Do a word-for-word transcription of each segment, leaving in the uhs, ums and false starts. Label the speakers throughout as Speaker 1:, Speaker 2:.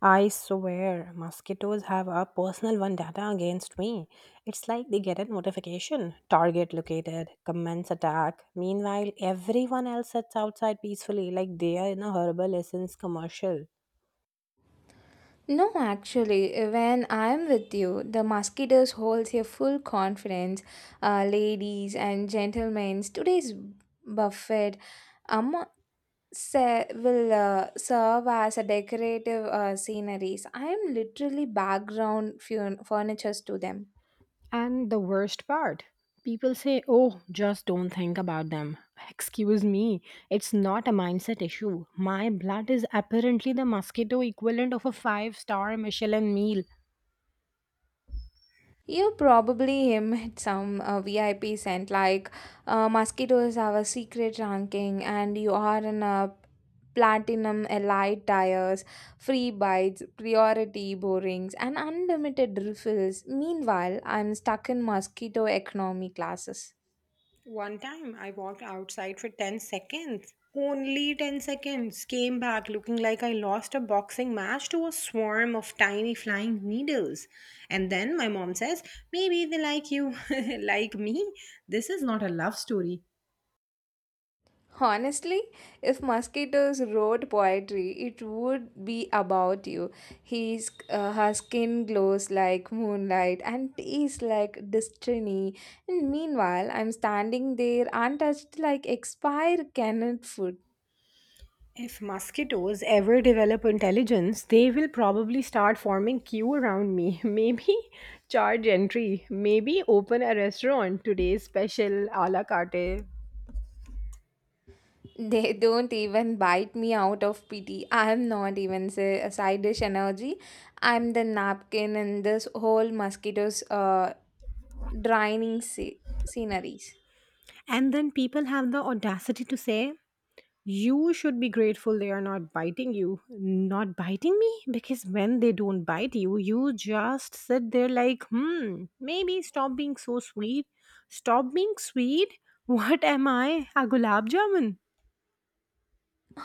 Speaker 1: I swear, mosquitoes have a personal vendetta against me. It's like they get a notification: target located, commence attack. Meanwhile, everyone else sits outside peacefully, like they are in a herbal essence commercial.
Speaker 2: No, actually, when I'm with you, the mosquitoes holds your full confidence. Uh, ladies and gentlemen, today's buffet um, se- will uh, serve as a decorative uh, sceneries. I am literally background furn- furnitures to them.
Speaker 1: And the worst part, people say, oh, just don't think about them. Excuse me, it's not a mindset issue. My blood is apparently the mosquito equivalent of a five star Michelin meal.
Speaker 2: You probably him some uh, V I P scent like uh, mosquitoes have a secret ranking, and you are in a platinum elite tires, free bites, priority borings, and unlimited refills. Meanwhile, I'm stuck in mosquito economy classes.
Speaker 1: One time I walked outside for ten seconds. Only ten seconds. Came back looking like I lost a boxing match to a swarm of tiny flying needles. And then my mom says, maybe they like you. Like me? This is not a love story.
Speaker 2: Honestly, if mosquitoes wrote poetry, it would be about you. His, uh, her skin glows like moonlight and tastes like destiny. And meanwhile, I'm standing there untouched like expired canned food.
Speaker 1: If mosquitoes ever develop intelligence, they will probably start forming queue around me. Maybe charge entry. Maybe open a restaurant. Today's special, a la carte.
Speaker 2: They don't even bite me out of pity. I'm not even say, a side dish energy. I'm the napkin in this whole mosquitoes uh, draining sce- sceneries.
Speaker 1: And then people have the audacity to say, you should be grateful they are not biting you. Not biting me? Because when they don't bite you, you just sit there like, hmm, maybe stop being so sweet. Stop being sweet? What am I? A gulab jamun?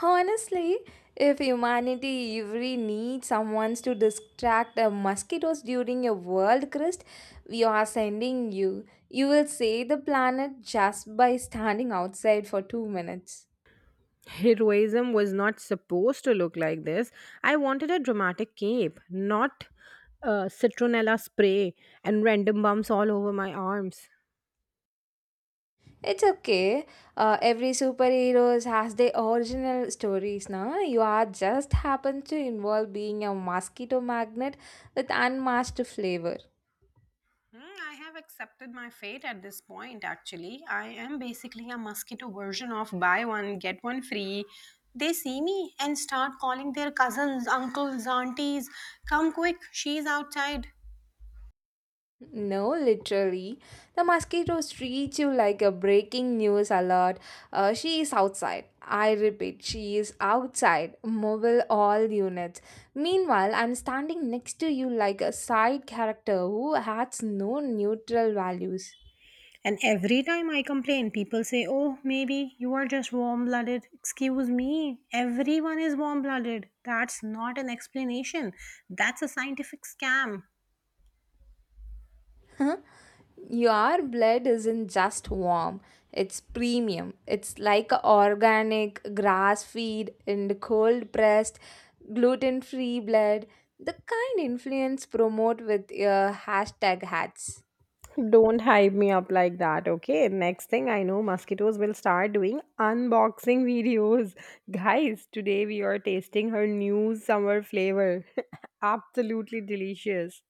Speaker 2: Honestly, if humanity ever needs someone to distract the mosquitoes during a world crest, we are sending you. You will save the planet just by standing outside for two minutes.
Speaker 1: Heroism was not supposed to look like this. I wanted a dramatic cape, not uh, citronella spray and random bumps all over my arms.
Speaker 2: It's okay. Uh, every superheroes has their original stories, na. You are just happen to involve being a mosquito magnet with unmatched flavor.
Speaker 1: Hmm, I have accepted my fate at this point, actually. I am basically a mosquito version of buy one, get one free. They see me and start calling their cousins, uncles, aunties, come quick, she's outside.
Speaker 2: No, literally. The mosquitoes treat you like a breaking news alert. Uh, she is outside. I repeat, she is outside. Mobile all units. Meanwhile, I'm standing next to you like a side character who has no neutral values.
Speaker 1: And every time I complain, people say, oh, maybe you are just warm blooded. Excuse me, everyone is warm blooded. That's not an explanation, that's a scientific scam.
Speaker 2: Your blood isn't just warm, it's premium. It's like a organic, grass feed and cold pressed, gluten free blood, the kind influence promote with your hashtag hats.
Speaker 1: Don't hype me up like that, okay? Next thing I know, mosquitoes will start doing unboxing videos. Guys, today we are tasting her new summer flavor. Absolutely delicious.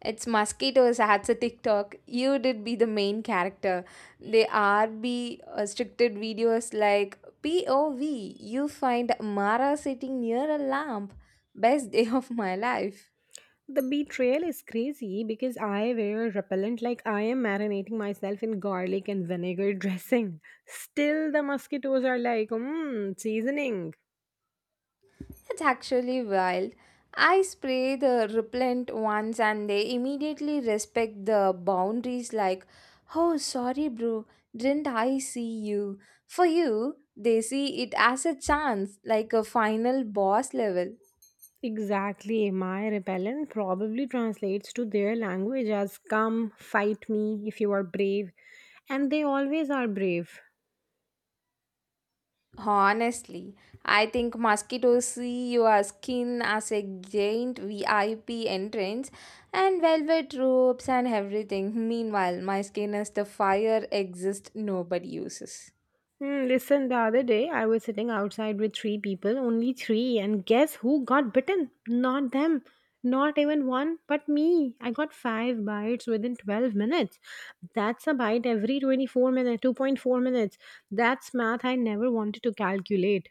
Speaker 2: It's mosquitoes hats a TikTok. You did be the main character. They are be restricted videos like P O V. You find Mara sitting near a lamp. Best day of my life.
Speaker 1: The betrayal is crazy because I wear repellent like I am marinating myself in garlic and vinegar dressing. Still, the mosquitoes are like, mmm, seasoning.
Speaker 2: That's actually wild. I spray the repellent once and they immediately respect the boundaries like, oh, sorry, bro, didn't I see you? For you, they see it as a chance, like a final boss level.
Speaker 1: Exactly. My repellent probably translates to their language as, come, fight me if you are brave. And they always are brave.
Speaker 2: Honestly, I think mosquitoes see your skin as a giant V I P entrance and velvet ropes and everything. Meanwhile, my skin is the fire exist nobody uses.
Speaker 1: Hmm, listen, the other day I was sitting outside with three people, only three, and guess who got bitten? Not them. Not even one, but me. I got five bites within twelve minutes. That's a bite every twenty-four minutes, two point four minutes. That's math I never wanted to calculate.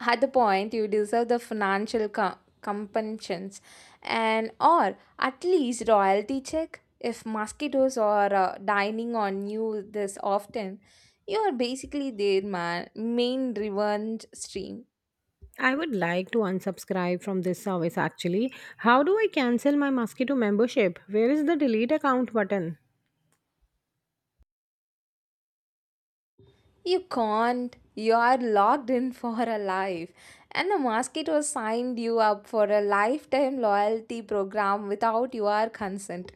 Speaker 2: At the point you deserve the financial co- compensations and or at least royalty check. If mosquitoes are uh, dining on you this often, you are basically their man, main revenge stream.
Speaker 1: I would like to unsubscribe from this service actually. How do I cancel my mosquito membership? Where is the delete account button?
Speaker 2: You can't, you are locked in for a life, and the mosquitoes signed you up for a lifetime loyalty program without your consent.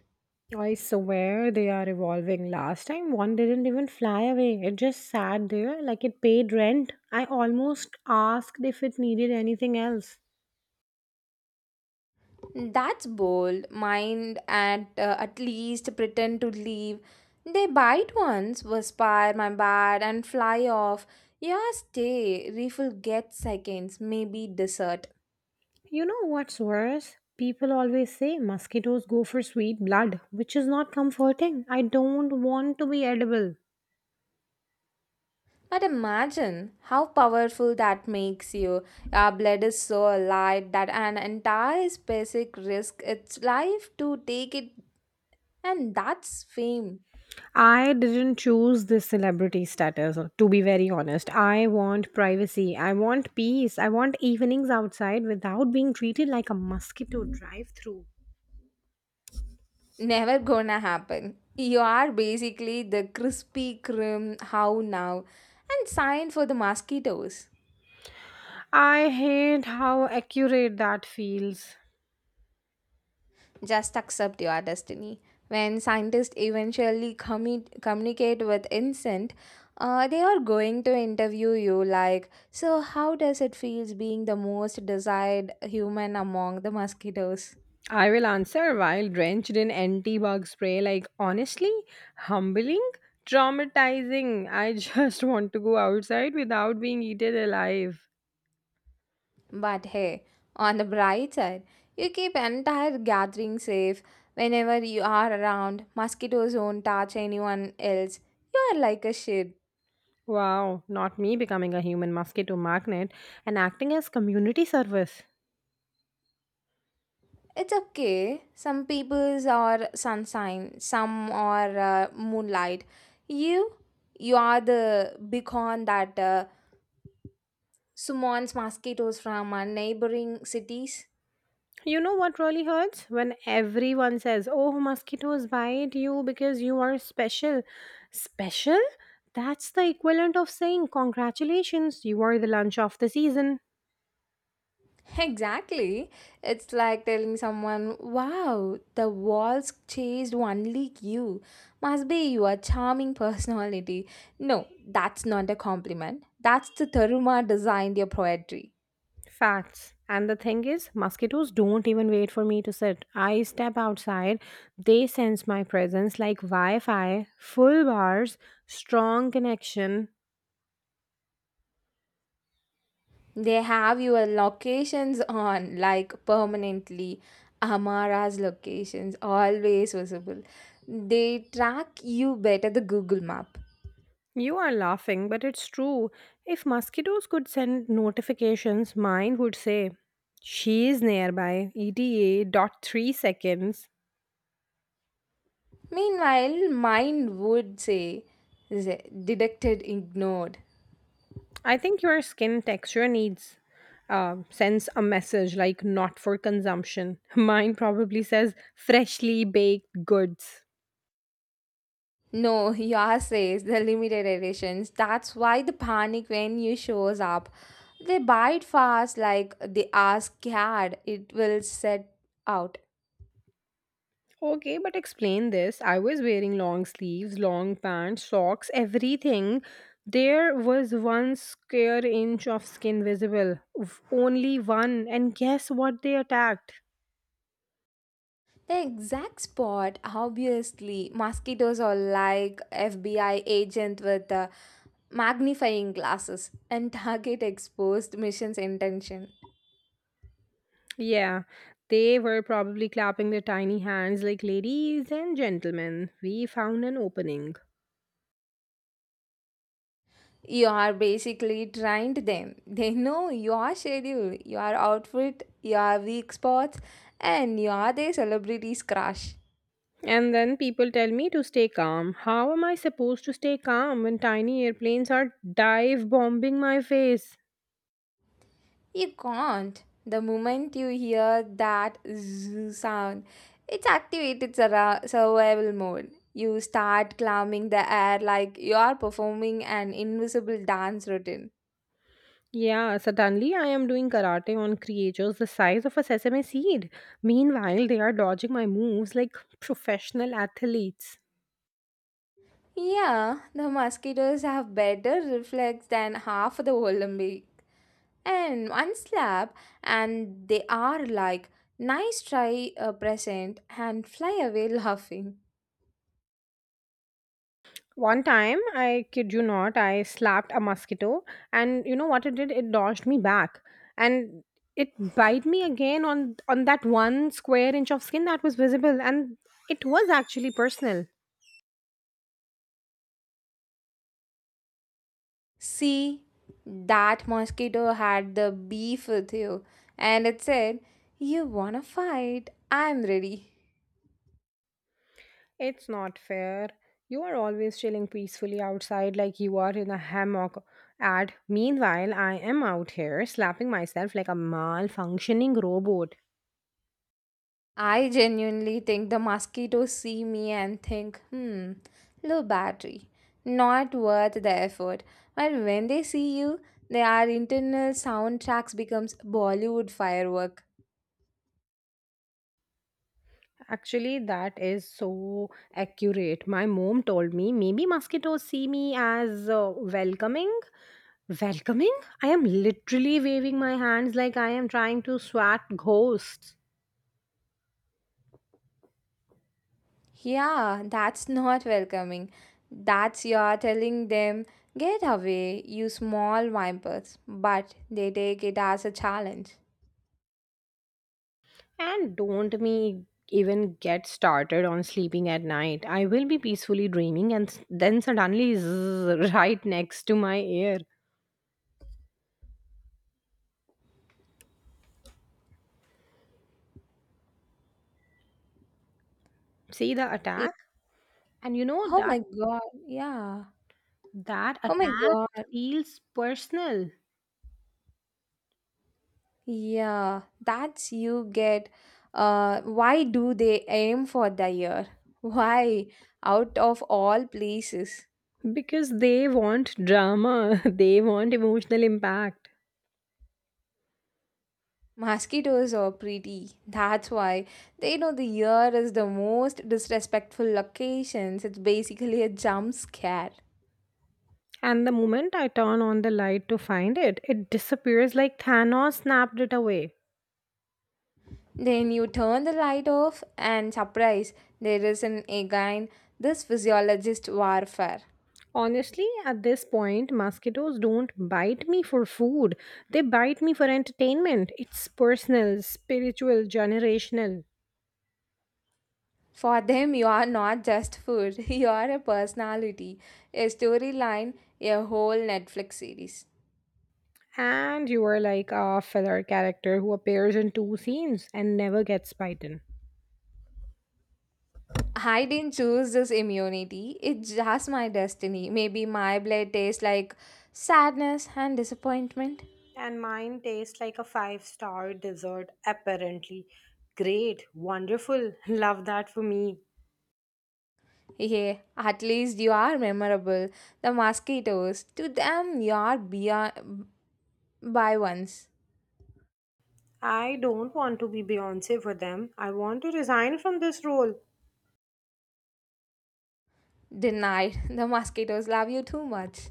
Speaker 1: I swear they are evolving. Last time one didn't even fly away. It just sat there like it paid rent. I almost asked if it needed anything else.
Speaker 2: That's bold. Mind at uh, at least pretend to leave. They bite once, whisper my bad, and fly off. Yeah, stay. Refill gets seconds, maybe dessert.
Speaker 1: You know what's worse? People always say mosquitoes go for sweet blood, which is not comforting. I don't want to be edible.
Speaker 2: But imagine how powerful that makes you. Your blood is so light that an entire specific risk its life to take it, and that's fame.
Speaker 1: I didn't choose this celebrity status, to be very honest. I want privacy. I want peace. I want evenings outside without being treated like a mosquito drive through.
Speaker 2: Never gonna happen. You are basically the crispy crim how now and sign for the mosquitoes.
Speaker 1: I hate how accurate that feels.
Speaker 2: Just accept your destiny. When scientists eventually commu- communicate with insect, uh, they are going to interview you like, so how does it feels being the most desired human among the mosquitoes?
Speaker 1: I will answer while drenched in anti bug spray, like, honestly, humbling, traumatizing. I just want to go outside without being eaten alive.
Speaker 2: But hey, on the bright side, you keep entire gathering safe. Whenever you are around, mosquitoes won't touch anyone else. You are like a shit.
Speaker 1: Wow, not me becoming a human mosquito magnet and acting as community service.
Speaker 2: It's okay. Some peoples are sunshine, some are uh, moonlight. You, you are the beacon that uh, summons mosquitoes from uh, neighboring cities.
Speaker 1: You know what really hurts? When everyone says, oh, mosquitoes bite you because you are special. Special? That's the equivalent of saying, congratulations, you are the lunch of the season.
Speaker 2: Exactly. It's like telling someone, wow, the walls chased only you. Must be your charming personality. No, that's not a compliment. That's the Tharuma designed your poetry.
Speaker 1: Facts. And the thing is, mosquitoes don't even wait for me to sit. I step outside, they sense my presence like Wi Fi, full bars, strong connection.
Speaker 2: They have your locations on, like permanently. Amara's locations, always visible. They track you better the Google map.
Speaker 1: You are laughing, but it's true. If mosquitoes could send notifications, mine would say, she is nearby, E T A dot three seconds.
Speaker 2: Meanwhile, mine would say, "Z- detected, ignored."
Speaker 1: I think your skin texture needs, uh, sends a message like, not for consumption. Mine probably says freshly baked goods.
Speaker 2: No, yours says the limited editions. That's why the panic when you shows up. They buy it fast like they are scared it will set out.
Speaker 1: Okay, but explain this. I was wearing long sleeves, long pants, socks, everything. There was one square inch of skin visible. Oof, only one. And guess what they attacked?
Speaker 2: The exact spot, obviously, mosquitoes are like F B I agent with uh, magnifying glasses and target exposed mission's intention.
Speaker 1: Yeah, they were probably clapping their tiny hands like, ladies and gentlemen, we found an opening.
Speaker 2: You are basically trained them. They know your schedule, your outfit, your weak spots, and you are their celebrity's crush.
Speaker 1: And then people tell me to stay calm. How am I supposed to stay calm when tiny airplanes are dive bombing my face?
Speaker 2: You can't. The moment you hear that zzz sound, it's activated surra- survival mode. You start climbing the air like you are performing an invisible dance routine.
Speaker 1: Yeah, suddenly I am doing karate on creatures the size of a sesame seed. Meanwhile, they are dodging my moves like professional athletes.
Speaker 2: Yeah, the mosquitoes have better reflex than half the Olympics, and one slap, and they are like nice try a present and fly away laughing.
Speaker 1: One time, I kid you not, I slapped a mosquito, and you know what it did? It dodged me back, and it bit me again on on that one square inch of skin that was visible, and it was actually personal.
Speaker 2: See, that mosquito had the beef with you, and it said, you wanna fight, I'm ready.
Speaker 1: It's not fair. You are always chilling peacefully outside like you are in a hammock. And meanwhile, I am out here slapping myself like a malfunctioning robot.
Speaker 2: I genuinely think the mosquitoes see me and think, hmm, low battery, not worth the effort. But when they see you, their internal soundtracks becomes bollywood firework.
Speaker 1: Actually, that is so accurate. My mom told me maybe mosquitoes see me as uh, welcoming. Welcoming? I am literally waving my hands like I am trying to swat ghosts.
Speaker 2: Yeah, that's not welcoming. That's you're telling them, get away, you small vipers. But they take it as a challenge.
Speaker 1: And don't me even get started on sleeping at night. I will be peacefully dreaming and s- then suddenly zzz, right next to my ear. See the
Speaker 2: It-
Speaker 1: attack? And you know
Speaker 2: oh
Speaker 1: that
Speaker 2: my god, yeah.
Speaker 1: that
Speaker 2: Oh my
Speaker 1: attack
Speaker 2: god,
Speaker 1: feels personal
Speaker 2: yeah. That's you get. Uh, why do they aim for the ear? Why? Out of all places.
Speaker 1: because they want drama, they want emotional impact.
Speaker 2: Mosquitoes are pretty. That's why they know the year is the most disrespectful locations. It's basically a jump scare.
Speaker 1: And the moment I turn on the light to find it, it disappears like Thanos snapped it away.
Speaker 2: Then you turn the light off, and surprise, there is an again, this physiologist warfare.
Speaker 1: Honestly, at this point, mosquitoes don't bite me for food. They bite me for entertainment. It's personal, spiritual, generational.
Speaker 2: For them, you are not just food, you are a personality, a storyline, a whole Netflix series.
Speaker 1: And you are like a filler character who appears in two scenes and never gets bitten.
Speaker 2: I didn't choose this immunity. It's just my destiny. Maybe my blood tastes like sadness and disappointment.
Speaker 1: And mine tastes like a five star dessert, apparently. Great, wonderful, love that for me.
Speaker 2: Yeah, at least you are memorable. The mosquitoes, to them, you are beyond by once.
Speaker 1: I don't want to be Beyonce for them. I want to resign from this role.
Speaker 2: Denied. The mosquitoes love you too much.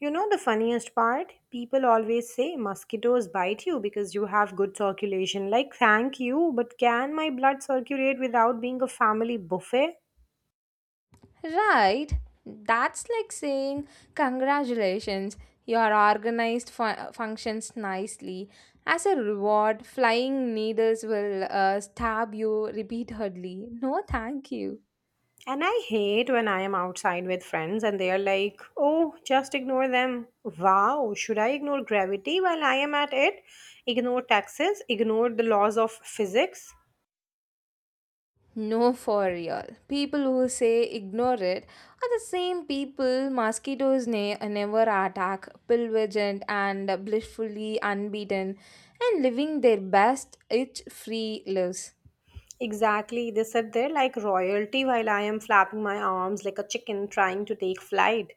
Speaker 1: You know the funniest part? People always say mosquitoes bite you because you have good circulation. Like, thank you, but can my blood circulate without being a family buffet?
Speaker 2: Right? That's like saying, congratulations, your organized fu- functions nicely. As a reward, flying needles will uh, stab you repeatedly. No, thank you.
Speaker 1: And I hate when I am outside with friends and they are like, oh, just ignore them. Wow, should I ignore gravity while I am at it? Ignore taxes? Ignore the laws of physics?
Speaker 2: No, for real. People who say ignore it are the same people mosquitoes ne- never attack, pillaged and blissfully unbeaten, and living their best itch free lives.
Speaker 1: Exactly, they sit there like royalty while I am flapping my arms like a chicken trying to take flight.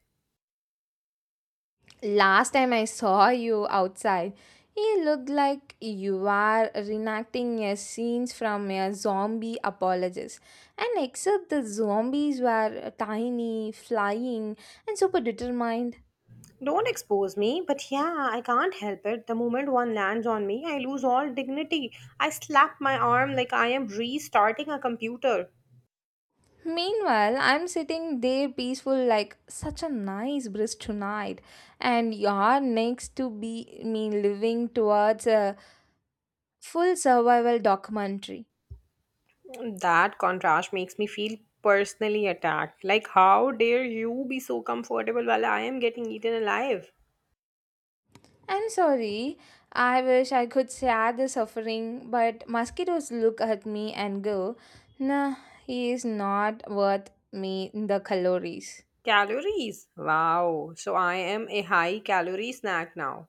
Speaker 2: Last time I saw you outside, you looked like you were reenacting a scenes from a zombie apologist. And except the zombies were tiny, flying, and super determined.
Speaker 1: Don't expose me, but yeah, I can't help it. The moment one lands on me, I lose all dignity. I slap my arm like I am restarting a computer.
Speaker 2: Meanwhile, I'm sitting there peaceful like such a nice breeze tonight, and you're next to be me living towards a full survival documentary.
Speaker 1: That contrast makes me feel personally attacked. Like, how dare you be so comfortable while I am getting eaten alive?
Speaker 2: I'm sorry. I wish I could share the suffering, but mosquitoes look at me and go, nah, he is not worth me the calories.
Speaker 1: Calories. Wow. So I am a high calorie snack now.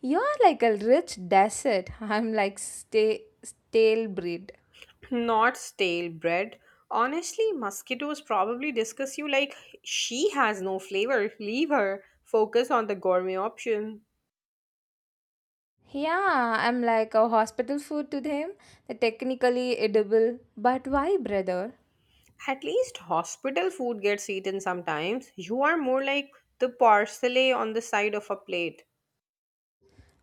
Speaker 2: You're like a rich desert. I'm like sta- stale bread.
Speaker 1: Not stale bread. Honestly, mosquitoes probably discuss you like, she has no flavor. Leave her. Focus on the gourmet option.
Speaker 2: Yeah, I'm like a hospital food to them. They're technically edible. But why, brother?
Speaker 1: At least hospital food gets eaten sometimes. You are more like the parsley on the side of a plate.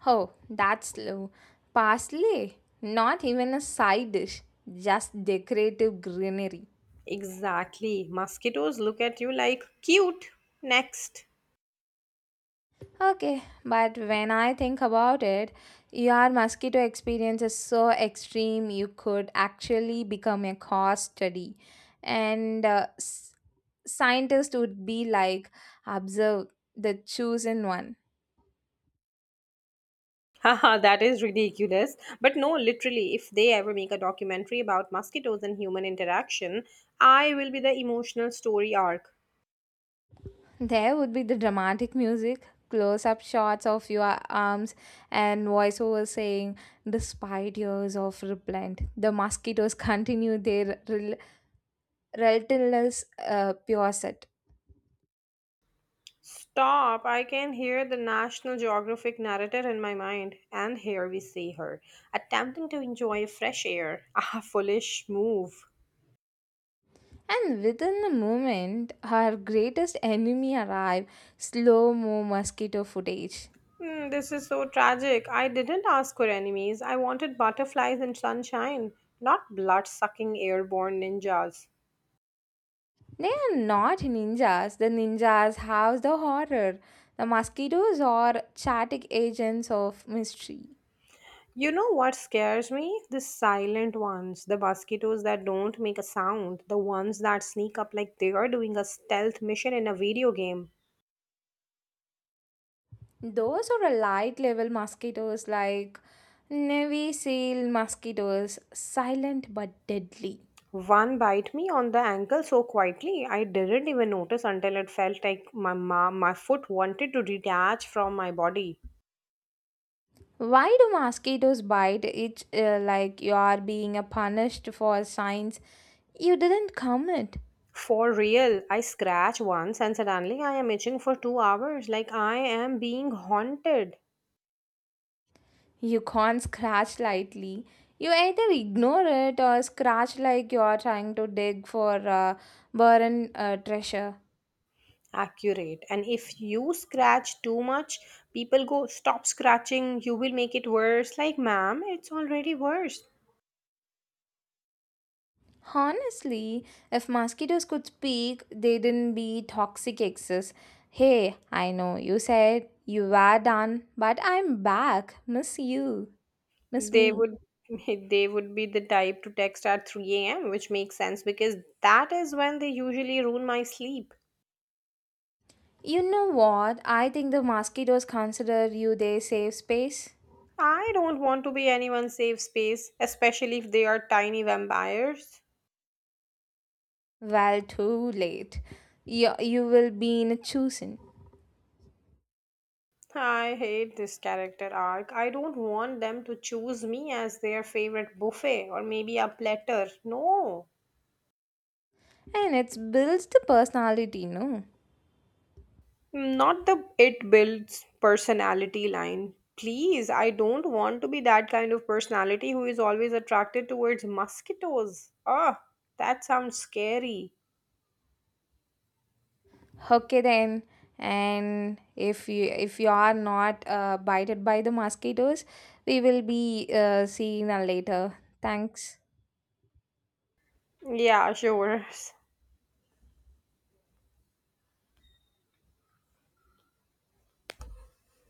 Speaker 2: Oh, that's low. Parsley. Not even a side dish. Just decorative greenery.
Speaker 1: Exactly. Mosquitoes look at you like, cute. Next.
Speaker 2: Okay, but when I think about it, your mosquito experience is so extreme you could actually become a cause study. And uh, s- Scientists would be like, observe the chosen one.
Speaker 1: Haha, that is ridiculous. But no, literally, if they ever make a documentary about mosquitoes and human interaction, I will be the emotional story arc.
Speaker 2: There would be the dramatic music, close up shots of your arms, and voiceover saying, despite years of replant, the mosquitoes continue their rel- relentless uh, pursuit.
Speaker 1: Stop! I can hear the National Geographic narrator in my mind. And here we see her, attempting to enjoy fresh air. Ah, foolish move.
Speaker 2: And within a moment, her greatest enemy arrive, slow mo mosquito footage.
Speaker 1: Hmm, this is so tragic. I didn't ask for enemies. I wanted butterflies and sunshine, not blood sucking airborne ninjas.
Speaker 2: They are not ninjas. The ninjas house the horror. The mosquitoes are chaotic agents of mystery.
Speaker 1: You know what scares me? The silent ones, the mosquitoes that don't make a sound, the ones that sneak up like they are doing a stealth mission in a video game.
Speaker 2: Those are a light level mosquitoes like Navy seal mosquitoes, silent but deadly.
Speaker 1: One bite me on the ankle so quietly I didn't even notice until it felt like my ma- my foot wanted to detach from my body.
Speaker 2: Why do mosquitoes bite? It's uh, like you are being uh, punished for signs you didn't commit.
Speaker 1: For real, I scratch once and suddenly I am itching for two hours like I am being haunted.
Speaker 2: You can't scratch lightly. You either ignore it or scratch like you are trying to dig for uh, barren uh, treasure.
Speaker 1: Accurate. And if you scratch too much, people go, stop scratching, you will make it worse, like, ma'am, it's already worse.
Speaker 2: Honestly, if mosquitoes could speak, they didn't be toxic exes. Hey, I know you said you were done, but I'm back. Miss you. Miss
Speaker 1: They
Speaker 2: me.
Speaker 1: would they would be the type to text at three a m, which makes sense because that is when they usually ruin my sleep.
Speaker 2: You know what? I think the mosquitoes consider you their safe space.
Speaker 1: I don't want to be anyone's safe space, especially if they are tiny vampires.
Speaker 2: Well, too late. You, you will be in a choosing.
Speaker 1: I hate this character arc. I don't want them to choose me as their favorite buffet or maybe a platter. No.
Speaker 2: And it builds the personality, no.
Speaker 1: Not the it builds personality line. Please, I don't want to be that kind of personality who is always attracted towards mosquitoes. Ah, that sounds scary.
Speaker 2: Okay then. And if you if you are not uh, bited by the mosquitoes, we will be uh, seeing that later. Thanks.
Speaker 1: Yeah, sure.